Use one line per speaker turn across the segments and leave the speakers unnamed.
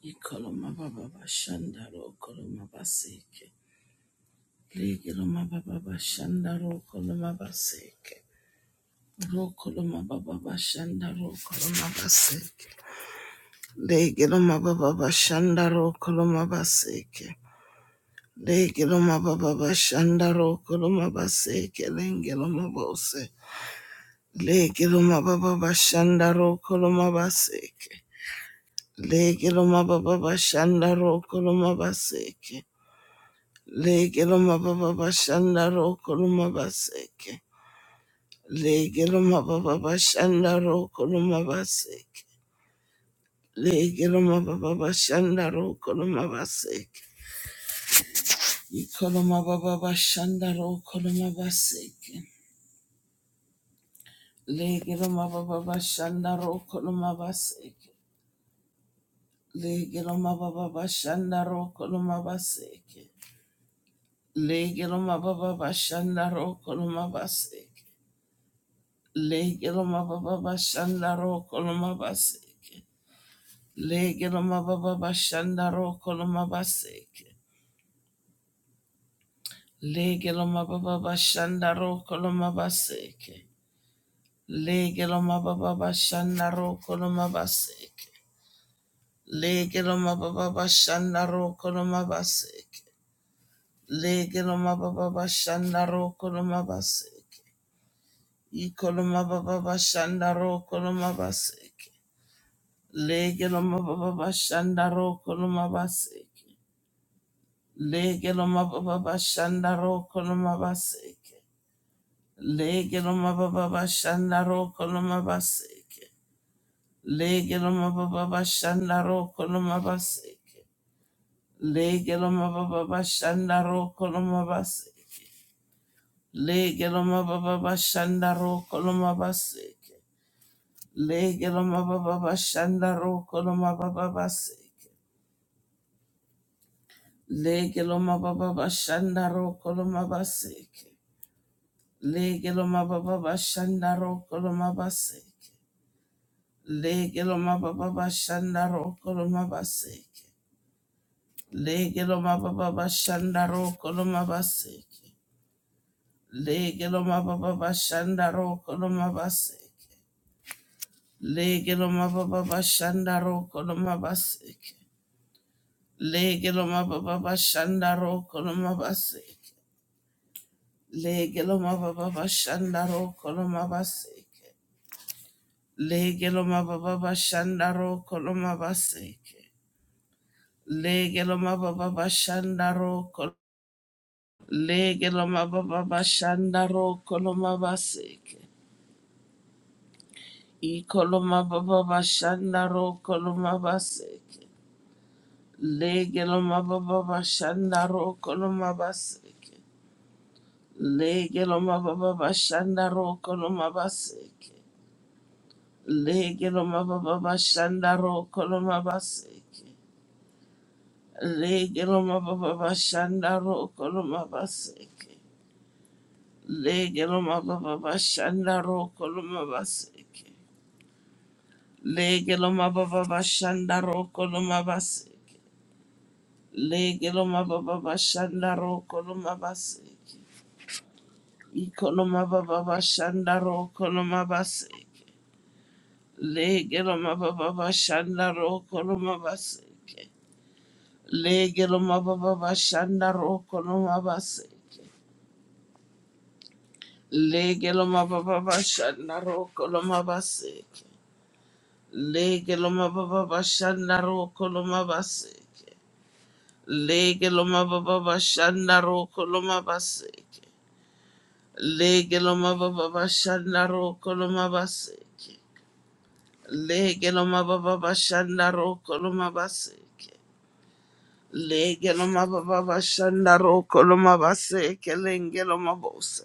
Ikoloma baba bashandaro koloma baseke. Legeloma baba bashandaro koloma baseke. Rokoloma baba bashandaro koloma baseke. Legeloma baba bashandaro koloma baseke. Legeloma baba bashandaro koloma baseke. Lengeloma bose. Legeloma baba bashandaro koloma baseke. Legeloma baba bashandaro koloma baseke. Lege loma baba bashanda roko loma baseke. Lege loma baba bashanda roko loma baseke. Lege loma baba bashanda roko loma baseke. Iko loma baba bashanda roko loma baseke. Lege loma baba bashanda roko loma baseke. Lege loma baba bashanda roko loma baseke. Lege loma baba bashanda roko loma baseke. Legeloma baba bashanda ro koloma baseke. Legeloma baba bashanda ro koloma baseke. Legeloma baba bashanda ro koloma baseke. Legeloma baba bashanda ro koloma baseke. Legeloma baba bashanda ro koloma baseke. Legeloma baba bashanda ro koloma baseke. Ikoloma baba bashanda ro koloma baseke. Lege loma baba bashanda roko loma baseke. Lege loma baba bashanda roko loma baseke. Lege loma baba bashanda roko loma baseke. Lege loma baba bashanda roko loma baseke. Lege loma baba bashanda roko loma baseke. Lege loma baba bashanda roko loma baseke. Lege loma baba bashanda roko loma baba baseke. Legeloma baba bashanda ro koloma baseke. Legeloma baba bashanda ro koloma baseke. Legeloma baba bashanda ro koloma baseke. Legeloma baba bashanda ro koloma baseke. Legeloma baba bashanda ro koloma baseke. Legeloma baba bashanda ro koloma baseke. Legeloma baba bashanda ro koloma baseke. Legeloma baba bashandaro koloma baseke. Legeloma baba bashandaro koloma baseke. Legeloma baba bashandaro kol. Legeloma baba bashandaro koloma baseke. I koloma baba bashandaro koloma baseke. Legeloma baba bashandaro koloma baseke. Legeloma baba bashandaro koloma baseke. Legiloma Baba Shandaro Koloma Baseke. Legiloma Baba Shandaro Koloma Baseke. Legiloma Baba Shandaro Koloma Baseke. Legiloma Baba Shandaro Koloma Baseke. Legiloma Baba Shandaro Koloma Baseke. Ikoloma Baba Shandaro Koloma Baseke. Legiloma Baba Shandaro Koloma Baseke. Legelo mababa bashanda roko no mabase. Legelo mababa bashanda roko no mabase. Legelo mababa bashanda roko no mabase. Legelo mababa bashanda roko no mabase. Legelo mababa bashanda roko no mabase. Legelo mababa bashanda roko no mabase. Legelo mababa bashanda roko no mabase. Legelo mabose.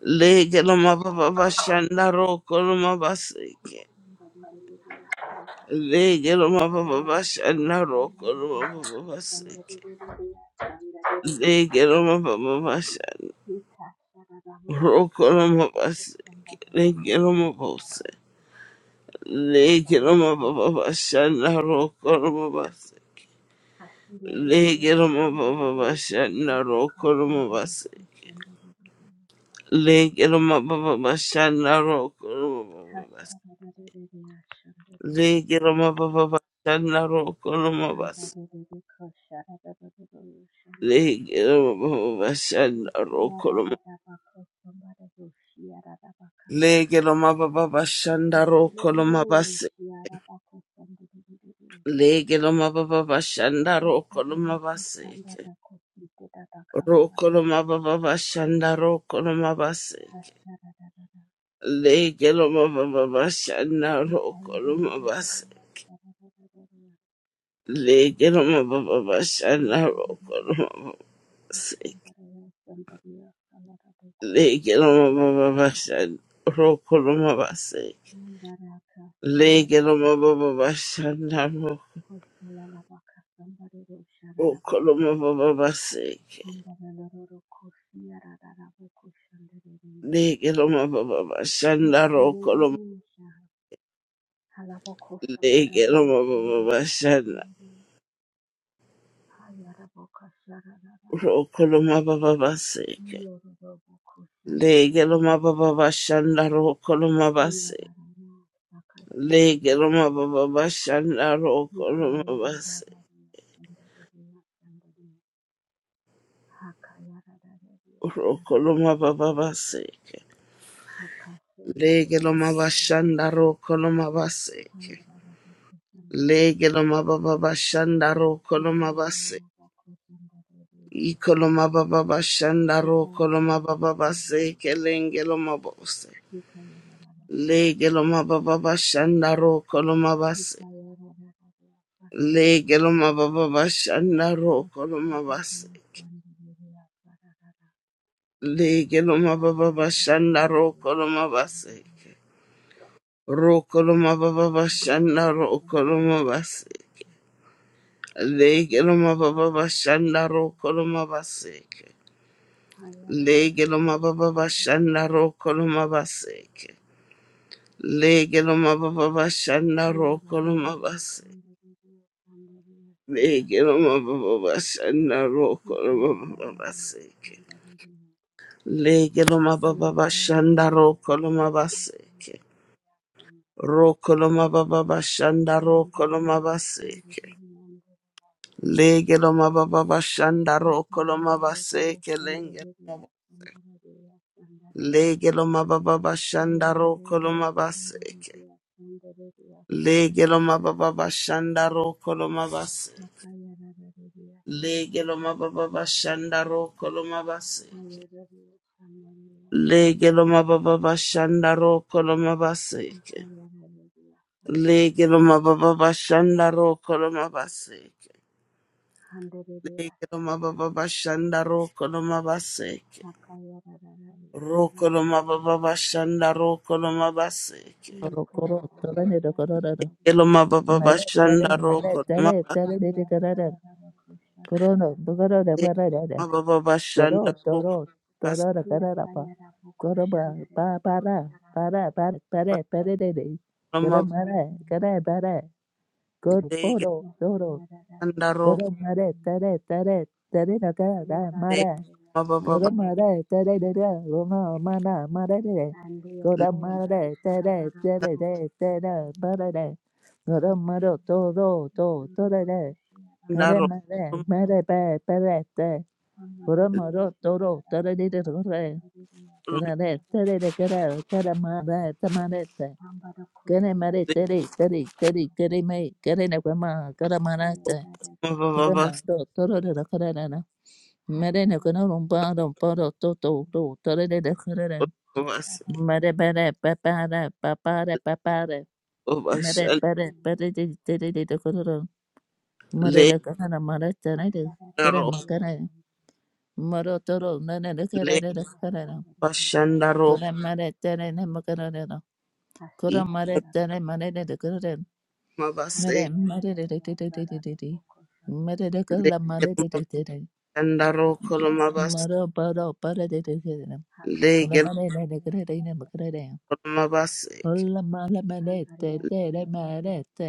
Lege loma baba bashanda roko loma baseke.
Hashirerererere,
Lege loma baba bashanda roko loma baba baseke. Lege loma baba bashanda roko loma baseke. Lege loma bose. Lege loma baba bashanda roko loma baseke. Lege loma baba bashanda roko loma baseke. Lege loma baba bashanda roko loma baseke. Lege loma baba bashanda roko loma baseke. Lege lo mababa
Somebody else,
bashanda roko lo mabase. Lege
somebody
lo mababa bashanda roko lo mabaseke. Roko lo mababa bashanda roko lo mabaseke. Lege lo mababa bashanda roko lo mabase. Lege lo mababa bashanda Legelomababashandarokolomabase. Legelomababashandarokolomabaseke. Rokolomababashandarokolomabaseke. Legelomababashandarokolomabase. Legelomababashandarokolomabaseke. Legelomababashandarokolomabaseke. Legelomababashandarokolomabaseke.
else,
Okoloma baba baseke.
Hakayaradaria Hakashereria
Lege loma baba bashanda rokoloma.
Same
Lege loma baba bashanda rokoloma baba baseke. Lege loma baba bashanda rokoloma baseke. Lege loma baba bashanda rokoloma baseke. Rokoloma baba baseke. Lege loma bashanda rokoloma baseke.
Hayaradaria
Lege
Koshandaria
loma baba bashanda
Hallelujah.
rokoloma baseke. Ikoloma baba bashanda ro koloma baba base kelenge loma bose. Lege loma baba bashanda ro koloma base. Lege loma baba bashanda ro koloma base. Lege loma baba bashanda ro koloma base. Ro koloma baba bashanda ro koloma base. Lege loma baba bashanda ro koloma base. Lege loma baba bashanda ro koloma base. Legeloma baba bashanda rokoloma basi. Legeloma baba bashanda
Thank
rokoloma baba baseke. Legeloma baba bashanda rokoloma baseke. Rokoloma baba bashanda rokoloma baseke. Legeloma baba bashanda rokoloma baseke lengeloma.
you.
Legeloma baba bashanda rokoloma baseke. Legeloma baba bashanda rokoloma Lege lo mababa bashanda ro koloma baseke. Lege lo mababa bashanda ro koloma baseke. Lege lo mababa bashanda ro koloma baseke.
Khandelere
Lege lo
yashandere
mababa bashanda ro koloma baseke.
akayarararare
Ro
yashandere
koloma baba bashanda ro koloma baseke.
Koro
ikayararare
togane do koro do do.
Lege lo
yashandere
mababa
Mare tare
bashanda ro
mare
koloma
tare tare de de kara da.
akayarararare
Koro no
kusharararare
bukoro da
baseke.
para da da.
Mababa bashanda
Koro
ro
toro
koloma baseke.
toro da kara da pa.
yakayarabo
Koro ba
kushandere
pa para
yoshararara
para para pare pare de de. Kara mare
ashandere
kara para. Koro
Lege
poro toro.
yakayararare
lo
Koro
yashandere
mare tare tare tare da kara da
mababa bashanda
mare.
yarararare
ro
Go
koloma
da
baseke.
ma da da da
yashandere
da da, lo na ma na ma da da da.
and
Go da ma
yokura
da da da
sharararara
da da da da da
bokushandere
ba da da. Go da
Thank
ma do
you.
do do
Thank
do
you,
do da
Lord.
da.
Thank you, Lord.
Go
Thank
da
Ndaro
ma da
you, Lord. Thank you, Lord.
ma da ba ba da da. Go da
Amarebe
ma do do do
yashimarara
da da da da da da.
kusundariri
Go
rumde
da da da
yasarara
da da da da go da ma da da ma da da.
hambara
Go
kushi
da ma da da da da
yandariri
da da da da
yasarara
ma. Go da na go ma go da ma da da.
ayararari
Go da ma
vavas
do do do da da da da. Merene
hasharara
kono rompa parom poro toto do torere de de kerere.
vavas
Mere
hashararari
bere pepare papare papare. Mere
vashal
bere bere
hashariri
de
hashararari
de de de de kerere.
le
Mere de kerere Maré tere de
yasarara
kerere
ndaro
hasharariri
makere. Moro toro nene de
le
kerere de kerere.
vashandaro
Kore
yasarara
Maré tere ne makere no.
i
Kore Maré tere
hashararari
Maré de de kerere.
mavase
Mere Maré de
hakayararari
de de de de de
yasarara
de. de. Mere
kusundariri
de
le
kerere Maré de de de de.
vashandaro
hasashararari
kolomavas
Moro paro poro de de de de.
le
Kore mere de
hakayararari
de kerere ne makere
yasarara
gelomavas
Hola mala manete,
Hallelujah,
te de
hallelujah, hallelujah,
manete.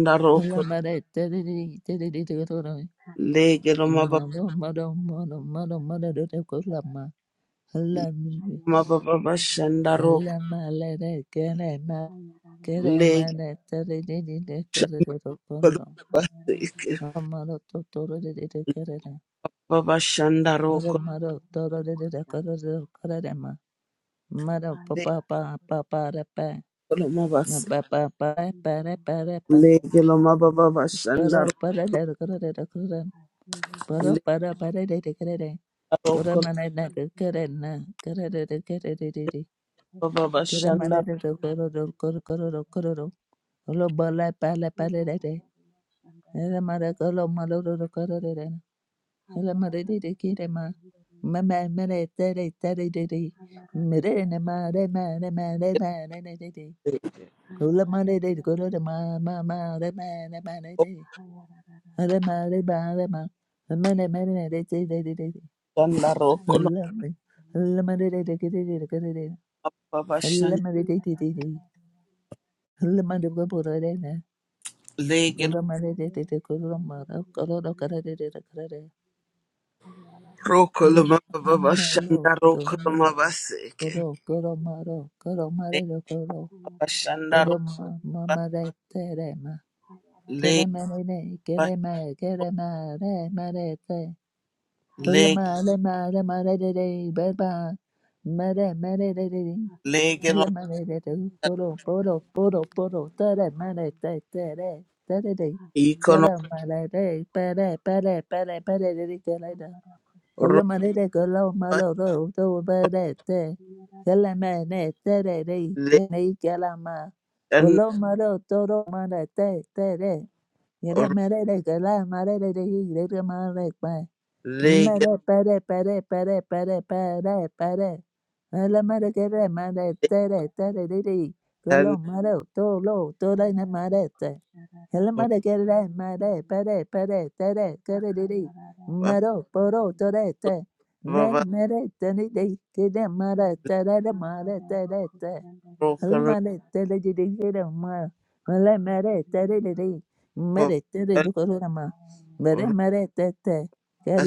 ndaro
Hola manete, de de de de de de de de.
le
Hallelujah, hallelujah,
gelomavas
Mado
hallelujah, hallelujah,
mado mado
hallelujah.
mado mado de de kola ma. Hola mi,
Hallelujah, hallelujah, hallelujah, hallelujah. Hallelujah, hallelujah,
mavavashandaro
hola mala de kere ma,
hallelujah. Hallelujah,
kere
le
manete de de de de kere de de koro de.
shakolomavas
Amado to to de de de kere de.
vavashandaro
Mado mado to to de de de koro de kere de ma. Mado pa
le
pa pa pa pa de pa.
kolomavas
Ma pa pa pa pa de pa de pa.
le
Koro
gelomavavashandaro
pa de de koro de de koro de.
hallelujah,
Para
hallelujah. Hallelujah,
para para de de de de. kora mana na gora na gora de de de de de de.
Baba
kora mana
Shanda
de de gora de
hallelujah,
gora gora de
hallelujah.
gora de. Hello bala bala bala de de.
Hallelujah.
Hello mara hello malo de de gora de de. Hello mara de de kire ma. Ma ma ma de de de de de de de. Mere na ma de ma de ma de ma de de de de. Hello mara de de gora de ma ma ma de ma de ma de de. Hello mara de ma de ma. Ma de ma de de de de de de.
Shanda
ma!
Rokolo
ma! ma! ma! De de de
Baba Shanda
gula
Legel
mara gula do gula de de de gula de!
Rokolo Baba
malo
Shanda
do lo
Rokolo Baseke
gula gula mara gula mare do gula
Baba Shanda
gula ma
Roba
ma De de de
Lega
ma gula mare de gula
Leg
ma gula mare mare de! gula mare mare mare De de ba ba mare mare de de!
Asaria
Legel
Hello,
Shandariya Shandariya Shandariya Shandariya
Ikolo
Shandariya Ambara
Roba
Kushandariya Yararararararya Shandariya
Legan
Yere mere de gala mare de de yere de mare pa.
Legel
Mere pere pere pere pere pere pere. Ala mare gere
Shandariya
mare tere tere
Shararararya
de de.
and
Golo mare to lo to de ne
Ambara
mare te. Ala
Kusharararya
mare gere mare
Shandariya
pere pere tere tere de de.
Baba
Sakayarararya
Maro poro to
Shandariya
de te. Me mere te ni de ke de Kede mare
Hmm.
tere de mare
Ambara
tere te.
Kushandariya
Hello,
Rokolo
Toro, tore
Sharara Glory to the name of
Baba
Hallelujah
Roba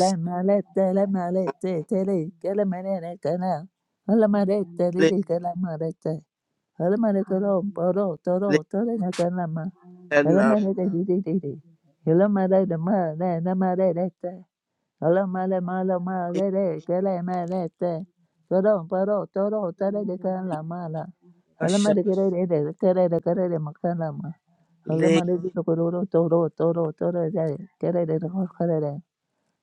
Legan
Rararararya Shandariya Ashambarani, Hallelujah,
Leg
na kana ma. Almare
Hallelujah,
de de de de.
Ashambarani,
Almare de ma
Ashambarani,
ne na mare de te. Almare mala
Asasharabao,
mare de kala
Koshambarabao,
mare te.
Koshambarabao,
toro, poro toro tere de can la
Yerararari,
mala.
Ashambarani,
Alamada Gare, the Kare, the Kare, Makalama.
Hayararari,
Leg
Alamada
Hayararari,
Guru, Toro, Toro, Toro, Kare, the
Ashambarani,
Hokare.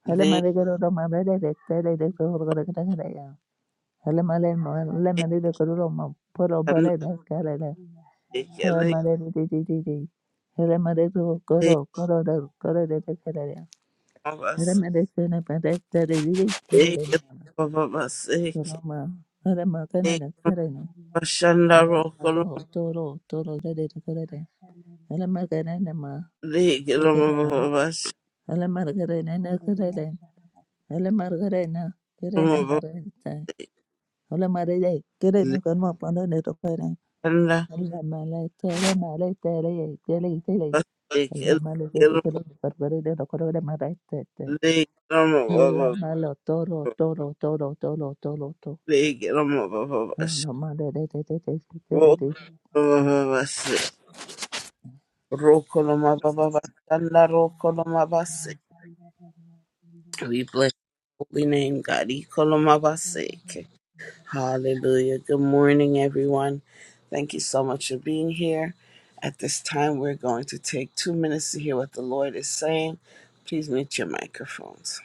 Alamada Guru, Mamada, the Tere, the
Hashararari, Yashararari,
Hokare.
Ashambarani,
Alamada,
Hambari,
Lemon, the Guru, Poro,
Leg
Bare, the Kare.
Ashambarani, Ashambarani,
Ekele
Alamada,
Hambari, Ashambarani,
Didi. Alamada, Guru, Guru, the Kore, the Kare.
baba se
Alamada, Sena, Pade, Tere, Didi, Kare,
ekele
the
baba se ekele
Kuroma. Alama, Kana, the Kare.
bashanda rokolo
Toro, Toro, Toro, the Kare. Hello, Margarina, ma.
ekele
Tigarana.
baba
Hello, Margarina, na, Garela. Hello, Margarina.
shanda
Garena,
baba
Margarita. Hello, Marida. Garena,
le,
Garma, Pono, Netopana.
shanda
Hello, Malata,
Hayar,
Malata, Tele, Tele. Tele.
baba
Hello,
ekele
Malata,
bashanda
Garena, Barbarina, Corona, Marata.
ekele ekele le, ekele baba
Hello, Malo, Toro, Toro, Toro, Toro, Toro, Toro.
le, ekele baba baba
Hello, Marida.
rokolo
thank you, Father,
baba se
thank you, Father.
rokolo baba baba shanda
What?
rokolo baba se we bless your holy name God ekele baba se Hallelujah. Good morning, everyone. Thank you so much for being here. At this time, we're going to take two minutes to hear what the Lord is saying. Please mute your microphones.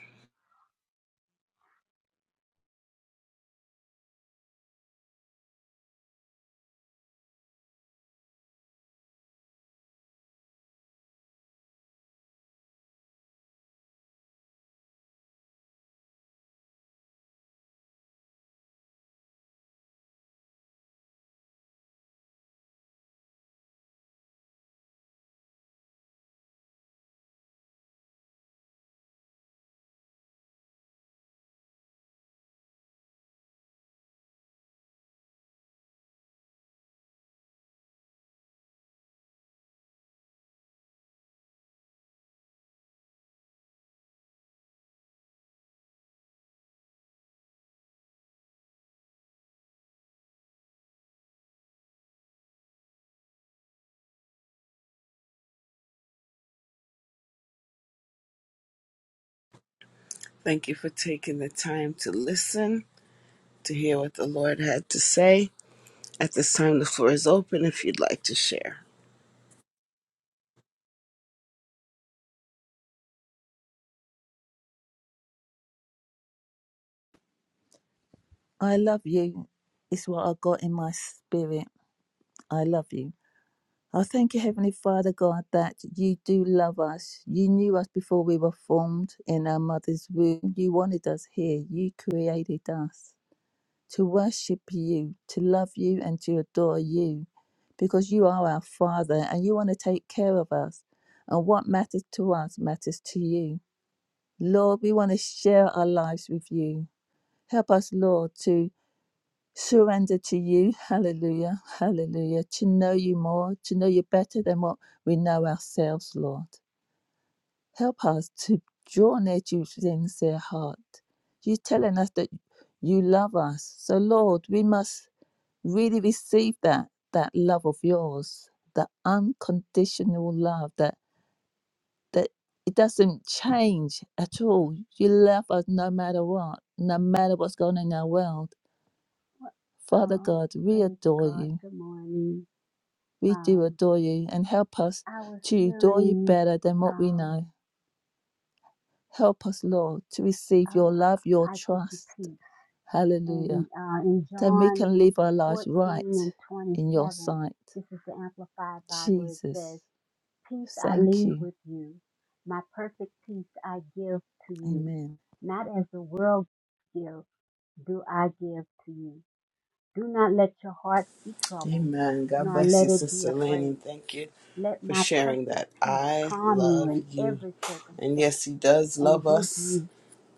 Thank you for taking the time to listen, to hear what the Lord had to say. At this time, the floor is open if you'd like to share.
I love you, It's what I got in my spirit. I love you. Oh, thank you, Heavenly Father God, that you do love us. You knew us before we were formed in our mother's womb. You wanted us here. You created us to worship you, to love you, and to adore you because you are our Father and you want to take care of us. And what matters to us matters to you. Lord, we want to share our lives with you. Help us, Lord, to surrender to you. Hallelujah. Hallelujah. To know you more, to know you better than what we know ourselves, Lord. Help us to draw near to you with sincere heart. You're telling us that you love us. So, Lord, we must really receive that, that love of yours, that unconditional love that, that it doesn't change at all. You love us no matter what, no matter what's going on in our world. Father
Oh,
God, we
praise
adore
God.
you.
Good morning.
We do
Um,
adore you and help us
I was
to adore you
hearing,
better than what we
um,
know. Help us, Lord, to
uh,
receive your love, your
I give you peace.
trust.
And
Hallelujah.
uh, in
Then we
John
can live our lives
14
right
and
in your
27,
sight.
this is the Amplified Bible. It
Jesus,
says, Peace I
thank
leave
you.
with you, my perfect peace I give to you,
Amen.
not as the world gives. do I give to you. Do not let your hearts be troubled,
Amen. God
nor
bless you,
let it be
Sister Lane, and
afraid.
thank you
Let
for
my
sharing
perfect
that.
peace
I
calm you
love
in
you.
every
And
circumstance
yes, He does love
and give
us
you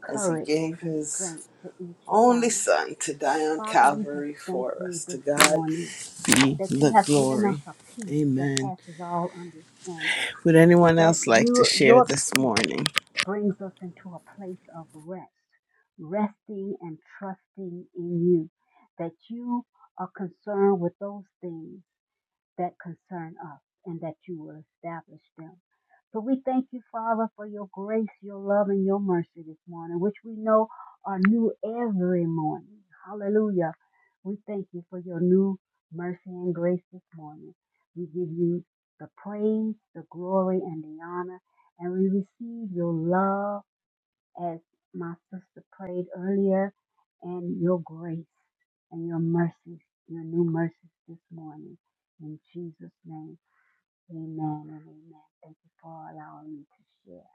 as He
courage
gave
and
His
strength for each
only
challenge.
Son to die on
Father, we just
Calvary
thank
for
you
us. To
this
God
morning
be
that you
the
have given us
glory.
a peace that
Amen.
passes all understanding,
Would anyone
that
else like to
you,
share
your
this
peace
morning?
brings us into a place of rest, resting and trusting in you, that you are concerned with those things that concern us and that you will establish them. So we thank you, Father, for your grace, your love, and your mercy this morning, which we know are new every morning. Hallelujah. We thank you for your new mercy and grace this morning. We give you the praise, the glory, and the honor, and we receive your love as my sister prayed earlier, and your grace and your mercies, your new mercies this morning. In Jesus' name, amen and amen. Thank you for allowing me to share.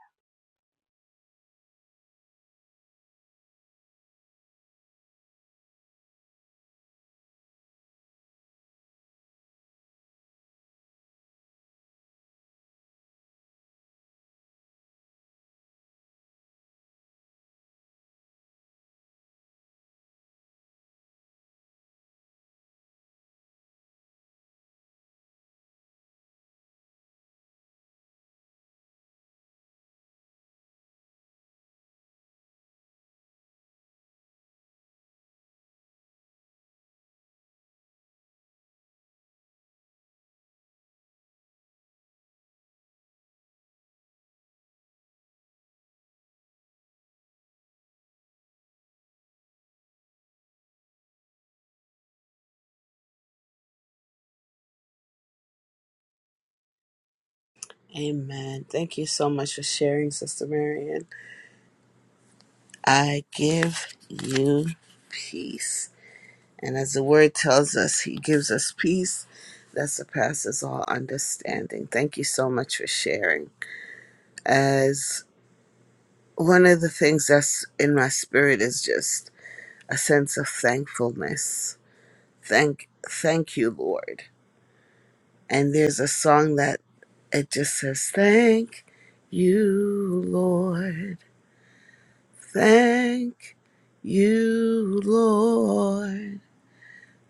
Amen. Thank you so much for sharing, Sister Marion. I give you peace. And as the word tells us, He gives us peace that surpasses all understanding. Thank you so much for sharing. As one of the things that's in my spirit is just a sense of thankfulness Thank, thank you, Lord. And there's a song that it just says, Thank you, Lord. Thank you, Lord.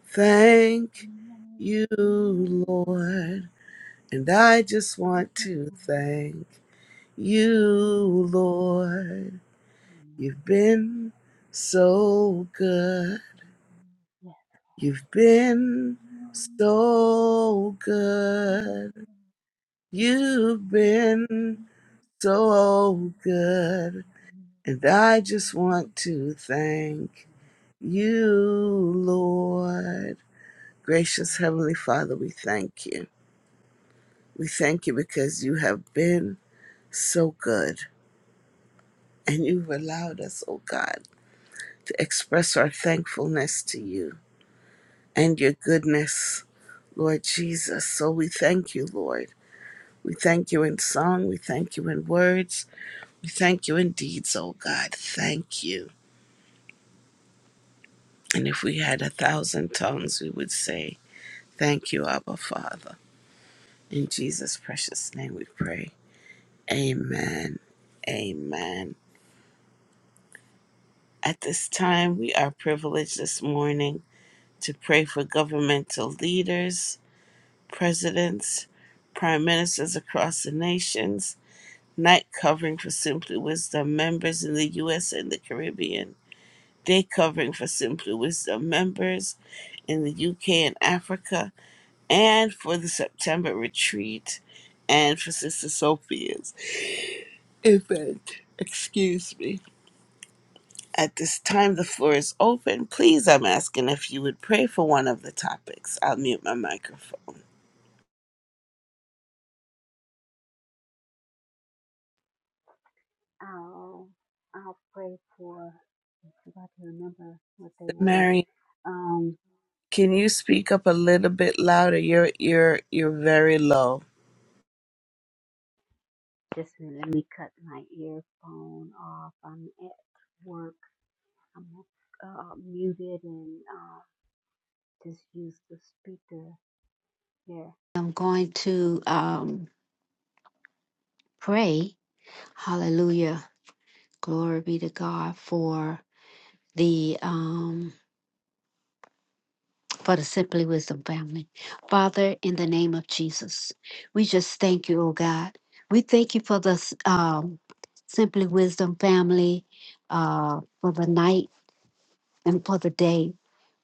Thank you, Lord. And I just want to thank you, Lord. You've been so good.
Yes.
You've been so good. You've been so good, and I just want to thank you,
Mm,
Lord. Gracious
Um,
Heavenly Father, we thank you. We thank you because you have been so good, and you've allowed us, oh God, to express our thankfulness to you and your goodness, Lord Jesus. So we thank you, Lord. We thank you in song, we thank you in words, we thank you in deeds, oh God. Thank you. And if we had a thousand tongues, we would say, Thank you, Abba Father. In Jesus' precious name we pray. Amen. Amen. At this time, we are privileged this morning to pray for governmental leaders, presidents, prime ministers across the nations, night covering for Simply Wisdom members in the U.S. and the Caribbean, day covering for Simply Wisdom members in the UK and Africa, and for the September retreat and for Sister Sophia's event. Excuse me. At this time, the floor is open. Please, I'm asking if you would pray for one of the topics. I'll mute my microphone.
I'll I'll pray for. I forgot to remember what they were.
Mary,
Um,
can you speak up a little bit louder? You're you're you're very low.
just let me cut my earphone off. I'm at work. I'm uh, muted and uh, just use the speaker. Yeah. I'm going to um pray. Hallelujah. Glory be to God for the um for the Simply Wisdom family. Father, in the name of Jesus, we just thank you, oh God. We thank you for the um, Simply Wisdom family uh, for the night and for the day.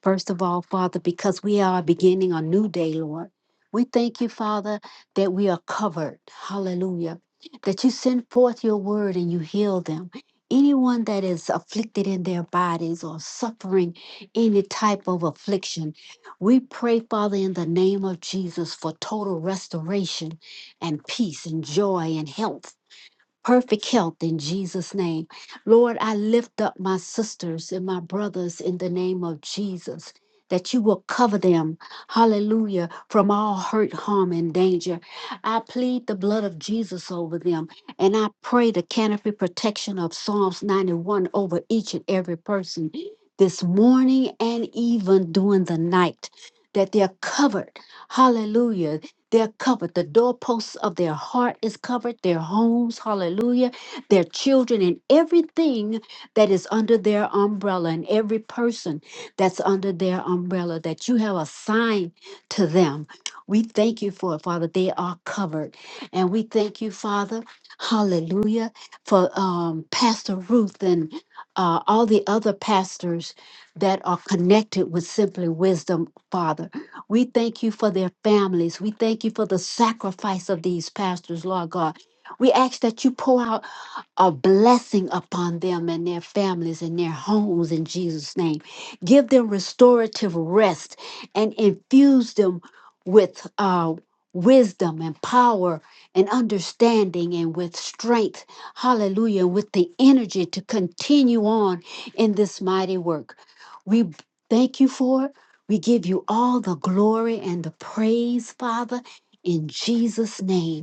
First of all, Father, because we are beginning a new day, Lord. We thank you, Father, that we are covered. Hallelujah. That you send forth your word and you heal them. Anyone that is afflicted in their bodies or suffering any type of affliction, we pray, Father, in the name of Jesus for total restoration and peace and joy and health perfect health in Jesus' name. Lord, I lift up my sisters and my brothers in the name of Jesus. That you will cover them, hallelujah, from all hurt, harm, and danger. I plead the blood of Jesus over them, and I pray the canopy protection of Psalms 91 over each and every person this morning and even during the night, that they're covered, hallelujah, they're covered. The doorposts of their heart is covered, their homes, hallelujah, their children, and everything that is under their umbrella, and every person that's under their umbrella that you have assigned to them. We thank you for it, Father. They are covered. And we thank you, Father, hallelujah, for um, Pastor Ruth and uh, all the other pastors that are connected with Simply Wisdom, Father. We thank you for their families. We thank you for the sacrifice of these pastors, Lord God. We ask that you pour out a blessing upon them and their families and their homes in Jesus' name. Give them restorative rest and infuse them with uh, wisdom and power and understanding and with strength. Hallelujah. With the energy to continue on in this mighty work. We b- thank you for it. We give you all the glory and the praise, Father, in Jesus' name.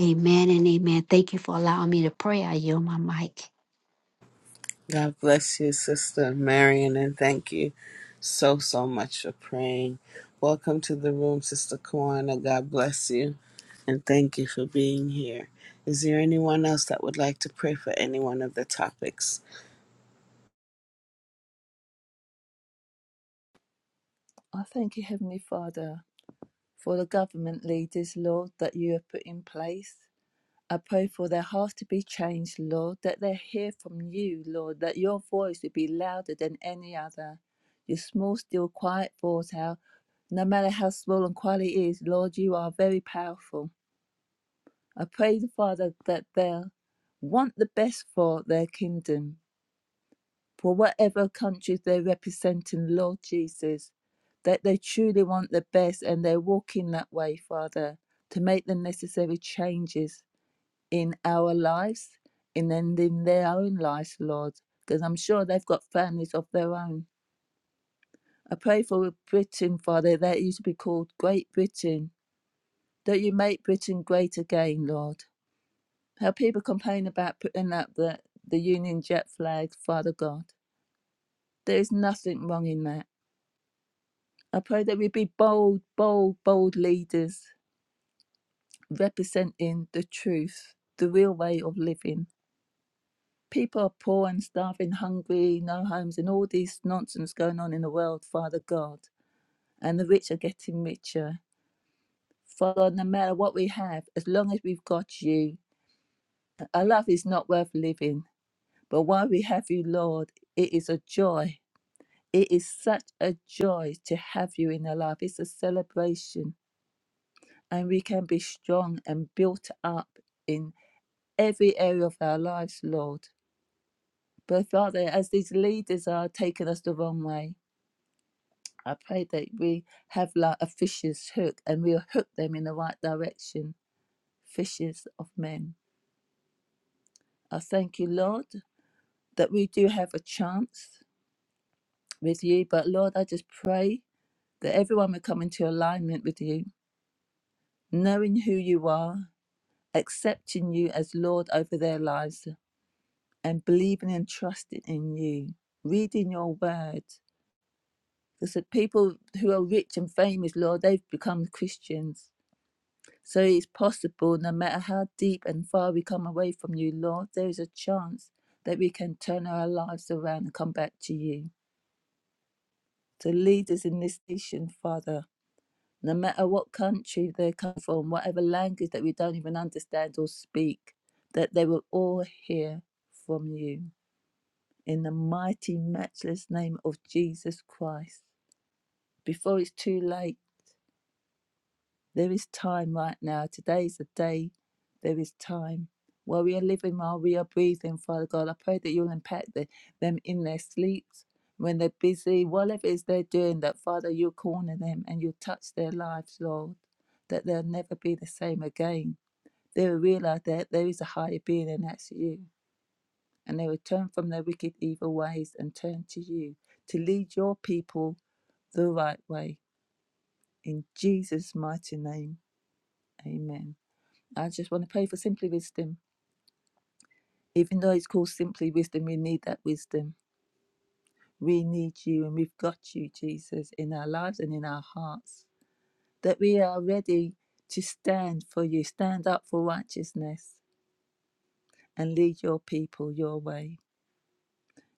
Amen and amen. Thank you for allowing me to pray. I yield my mic.
God bless you, Sister Marion, and thank you so so much for praying. Welcome to the room, Sister Kwana. God bless you. and thank you for being here. Is there anyone else that would like to pray for any one of the topics?
I thank you, Heavenly Father, for the government leaders, Lord, that you have put in place. I pray for their heart to be changed, Lord, that they hear from you, Lord, that your voice would be louder than any other. Your small, still, quiet voice, how no matter how small and quiet it is, Lord, you are very powerful. I pray, Father, that they'll want the best for their kingdom, for whatever countries they represent in, Lord Jesus, that they truly want the best and they walk in that way, Father, to make the necessary changes in our lives and then in their own lives, Lord, because I'm sure they've got families of their own. I pray for Britain, Father, that you should be called Great Britain, that you make Britain great again, Lord. How people complain about putting up the, the Union Jack flag, Father God. There is nothing wrong in that. I pray that we be bold, bold, bold leaders representing the truth, the real way of living people are poor and starving, hungry, no homes, and all these nonsense going on in the world, Father God. And the rich are getting richer. Father, God, no matter what we have, as long as we've got you, our life is not worth living. But while we have you, Lord, it is a joy. It is such a joy to have you in our life. It's a celebration, and we can be strong and built up in every area of our lives, Lord. But Father, as these leaders are taking us the wrong way, I pray that we have like a fisher's hook and we'll hook them in the right direction, fishes of men. I thank you, Lord, that we do have a chance with you. But Lord, I just pray that everyone will come into alignment with you, knowing who you are, accepting you as Lord over their lives, and believing and trusting in you, reading your word. Because the people who are rich and famous, Lord, they've become Christians So it's possible, no matter how deep and far we come away from you, Lord, there is a chance that we can turn our lives around and come back to you. To lead us in this nation, Father, no matter what country they come from, whatever language that we don't even understand or speak, that they will all hear from you. In the mighty, matchless name of Jesus Christ. Before it's too late, There is time right now. Today is the day. There is time. While we are living, while we are breathing, Father God, I pray that you'll impact the, them in their sleeps, when they're busy, whatever it is they're doing, that Father, you'll corner them and you'll touch their lives, Lord, that they'll never be the same again. They will realize that there is a higher being, and that's you. And they will turn from their wicked, evil ways and turn to you to lead your people the right way. In Jesus' mighty name, amen. I just want to pray for simply wisdom. Even though it's called simply wisdom, we need that wisdom. We need you, and we've got you, Jesus, in our lives and in our hearts. That we are ready to stand for you, stand up for righteousness, and lead your people your way,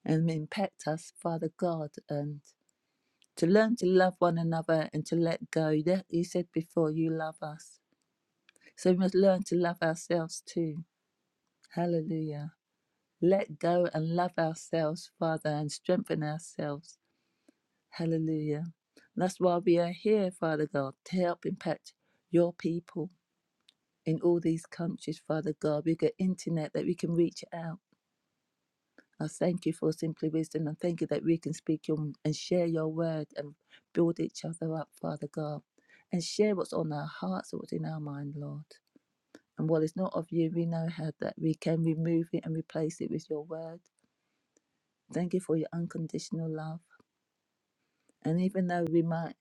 and impact us, Father God, and to learn to love one another and to let go. you said before, you love us, so we must learn to love ourselves too. Hallelujah. let go and love ourselves, Father, and strengthen ourselves. Hallelujah. That's why we are here, Father God, to help impact your people in all these countries, Father God. We've got internet that we can reach out. I thank you for Simply Wisdom and thank you that we can speak your, and share your word and build each other up, Father God, and share what's on our hearts and what's in our mind, Lord. And what is not of you, we know how that we can remove it and replace it with your word. Thank you for your unconditional love. And even though we might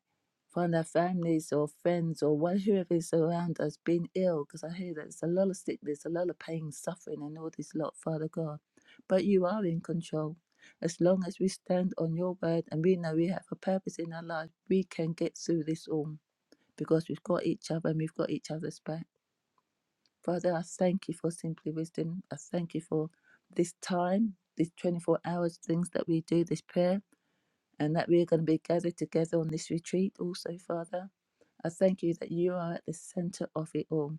find our families or friends or wha- whoever is around us being ill, because I hear that there's a lot of sickness, a lot of pain, suffering, and all this lot, Father God. But you are in control. As long as we stand on your word and we know we have a purpose in our life, we can get through this all because we've got each other and we've got each other's back. Father, I thank you for simply wisdom. I thank you for this time, these 24 hours, things that we do, this prayer and that we are going to be gathered together on this retreat also, Father. I thank you that you are at the center of it all.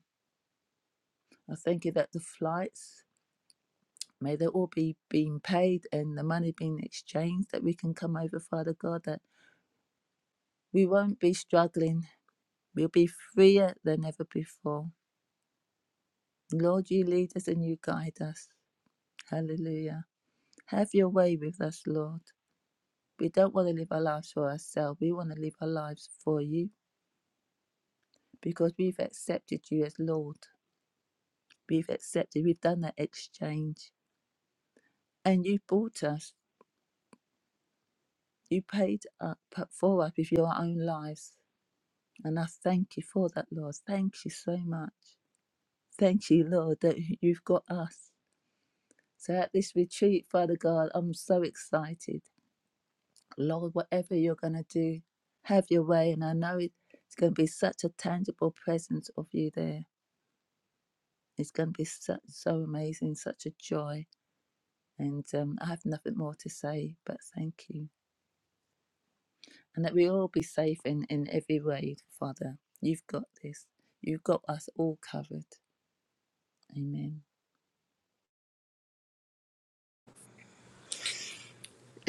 I thank you that the flights, may they all be being paid and the money being exchanged, that we can come over, Father God, that we won't be struggling. We'll be freer than ever before. Lord, you lead us and you guide us. Hallelujah. Have your way with us, Lord. We don't want to live our lives for ourselves. We want to live our lives for you because we've accepted you as Lord. We've accepted, we've done that exchange. And you bought us, you paid up for us with your own lives. And I thank you for that, Lord. Thank you so much. Thank you, Lord, that you've got us. So at this retreat, Father God, I'm so excited. Lord, whatever you're going to do, have your way. And I know it- it's going to be such a tangible presence of you there. It's going to be such, so amazing, such a joy. And um, I have nothing more to say, but thank you. and that we all be safe in, in every way, Father. You've got this. You've got us all covered. Amen.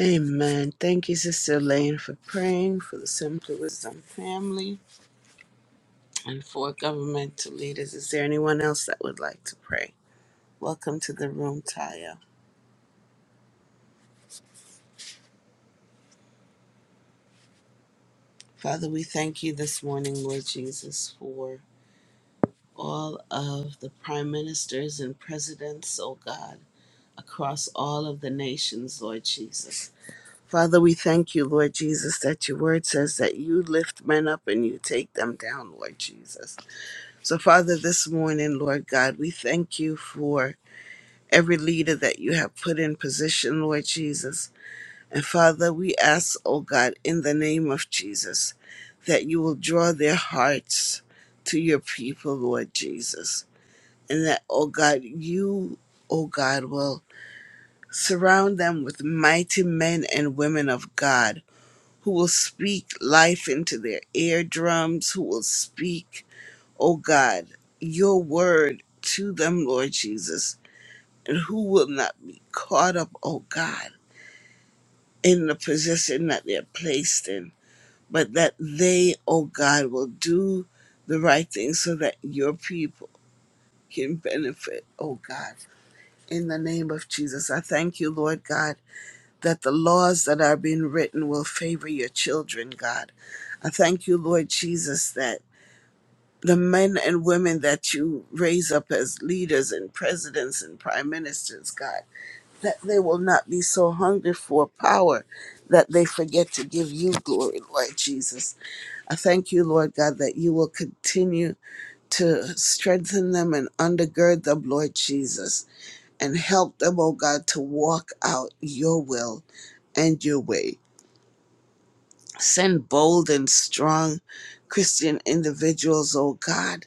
Amen. Thank you, Sister Elaine, for praying for the Simply Wisdom family and for governmental leaders. Is there anyone else that would like to pray? Welcome to the room, Taya. Father, we thank you this morning, Lord Jesus, for all of the prime ministers and presidents, oh God, across all of the nations, Lord Jesus. Father, we thank you, Lord Jesus, that your word says that you lift men up and you take them down, Lord Jesus. So, Father, this morning, Lord God, we thank you for every leader that you have put in position, Lord Jesus. And Father, we ask, oh God, in the name of Jesus, that you will draw their hearts to your people, Lord Jesus. And that, oh God, you, oh God, will surround them with mighty men and women of God who will speak life into their eardrums, who will speak, oh God, your word to them, Lord Jesus, and who will not be caught up, oh God, in the position that they're placed in, but that they, oh God, will do the right thing so that your people can benefit, oh God. In the name of Jesus, I thank you, Lord God, that the laws that are being written will favor your children, God. I thank you, Lord Jesus, that the men and women that you raise up as leaders and presidents and prime ministers, God, that they will not be so hungry for power that they forget to give you glory, Lord Jesus. I thank you, Lord God, that you will continue to strengthen them and undergird them, Lord Jesus, and help them, oh God, to walk out your will and your way. Send bold and strong Christian individuals, oh God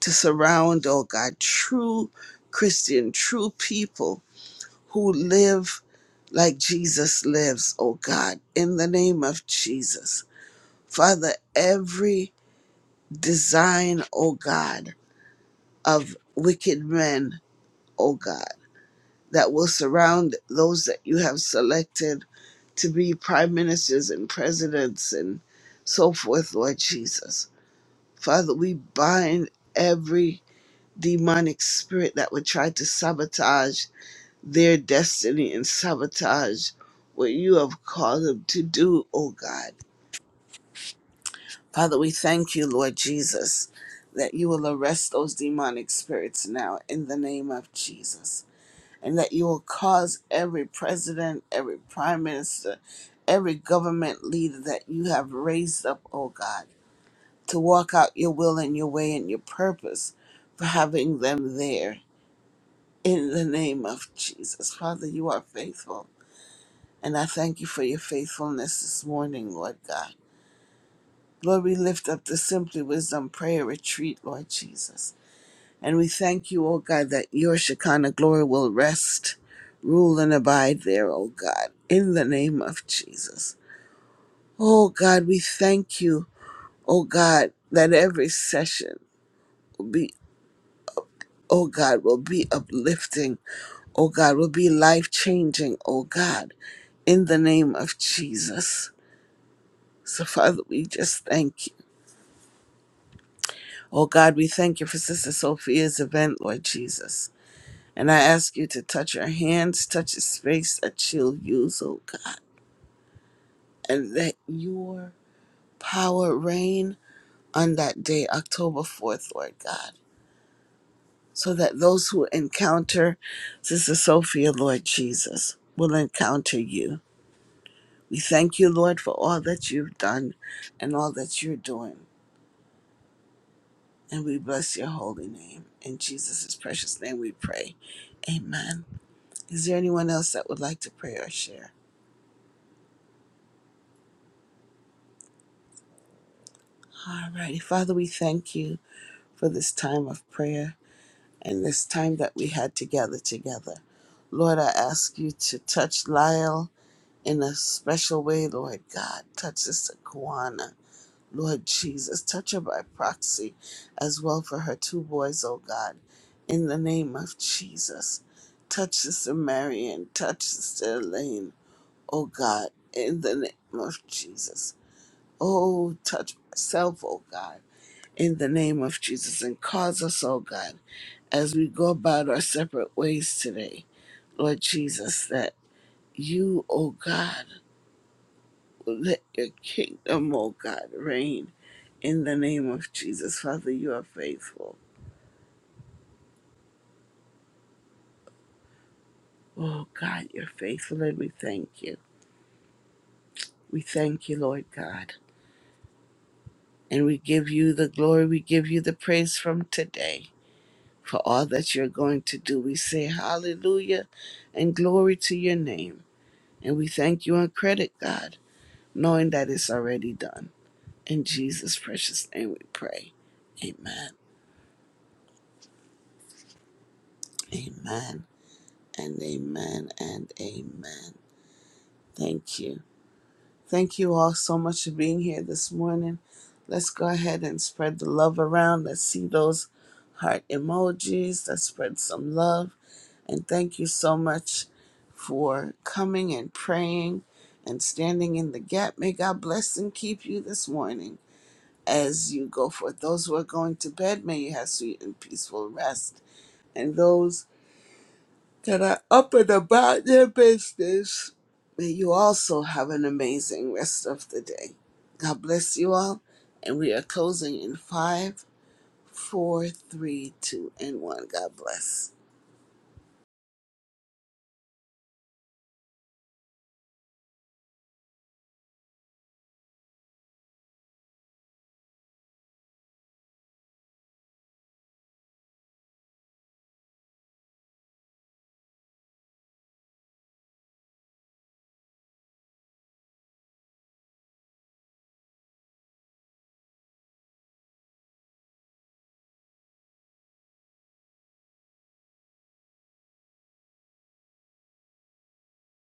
to surround, oh God, true Christian, true people who live like Jesus lives, oh God, in the name of Jesus. Father, every design, oh God, of wicked men, oh God, that will surround those that you have selected to be prime ministers and presidents and so forth, Lord Jesus. Father, we bind every demonic spirit that would try to sabotage their destiny and sabotage what you have called them to do, oh God. Father, we thank you, Lord Jesus, that you will arrest those demonic spirits now in the name of Jesus. And that you will cause every president, every prime minister, every government leader that you have raised up, oh God, to walk out your will and your way and your purpose for having them there In the name of Jesus. Father, you are faithful. And I thank you for your faithfulness this morning, Lord God. Lord, we lift up the Simply Wisdom Prayer Retreat, Lord Jesus. And we thank you, O God, that your Shekinah glory will rest, rule, and abide there, O God, in the name of Jesus. Oh God, we thank you, O God, that every session will be, O God, will be uplifting oh God, will be life changing, oh God, in the name of Jesus. So, Father, we just thank you. Oh God, we thank you for Sister Sophia's event, Lord Jesus. And I ask you to touch her hands, touch the space that she'll use, oh God, and let your power reign on that day, October 4th, Lord God, so that those who encounter Sister Sophia, Lord Jesus, will encounter you. We thank you, Lord, for all that you've done and all that you're doing. And we bless your holy name. In Jesus' precious name we pray. Amen. Is there anyone else that would like to pray or share? All righty. Father, we thank you for this time of prayer and this time that we had together together. Lord, I ask you to touch Lyle in a special way, Lord God. Touch Sister Kawana. Lord Jesus, touch her by proxy as well for her two boys, oh God. In the name of Jesus, touch Sister Marion, touch Sister Elaine, oh God. In the name of Jesus. Oh, touch myself, oh God. In the name of Jesus, and cause us, oh God, as we go about our separate ways today, Lord Jesus, that you, oh God, let your kingdom, oh God, reign in the name of Jesus. Father, you are faithful. Oh God, you're faithful and we thank you. We thank you, Lord God. And we give you the glory, we give you the praise from today for all that you're going to do. We say hallelujah and glory to your name. And we thank you and credit, God, knowing that it's already done. In Jesus' precious name we pray. Amen. Amen and amen and amen. Thank you. Thank you all so much for being here this morning. Let's go ahead and spread the love around. Let's see those heart emojis. Let's spread some love. And thank you so much for coming and praying and standing in the gap. May God bless and keep you this morning as you go forth. Those who are going to bed, may you have sweet and peaceful rest. And those that are up and about their business. May you also have an amazing rest of the day. God bless you all. And we are closing in five, four, three, two, and one. God bless.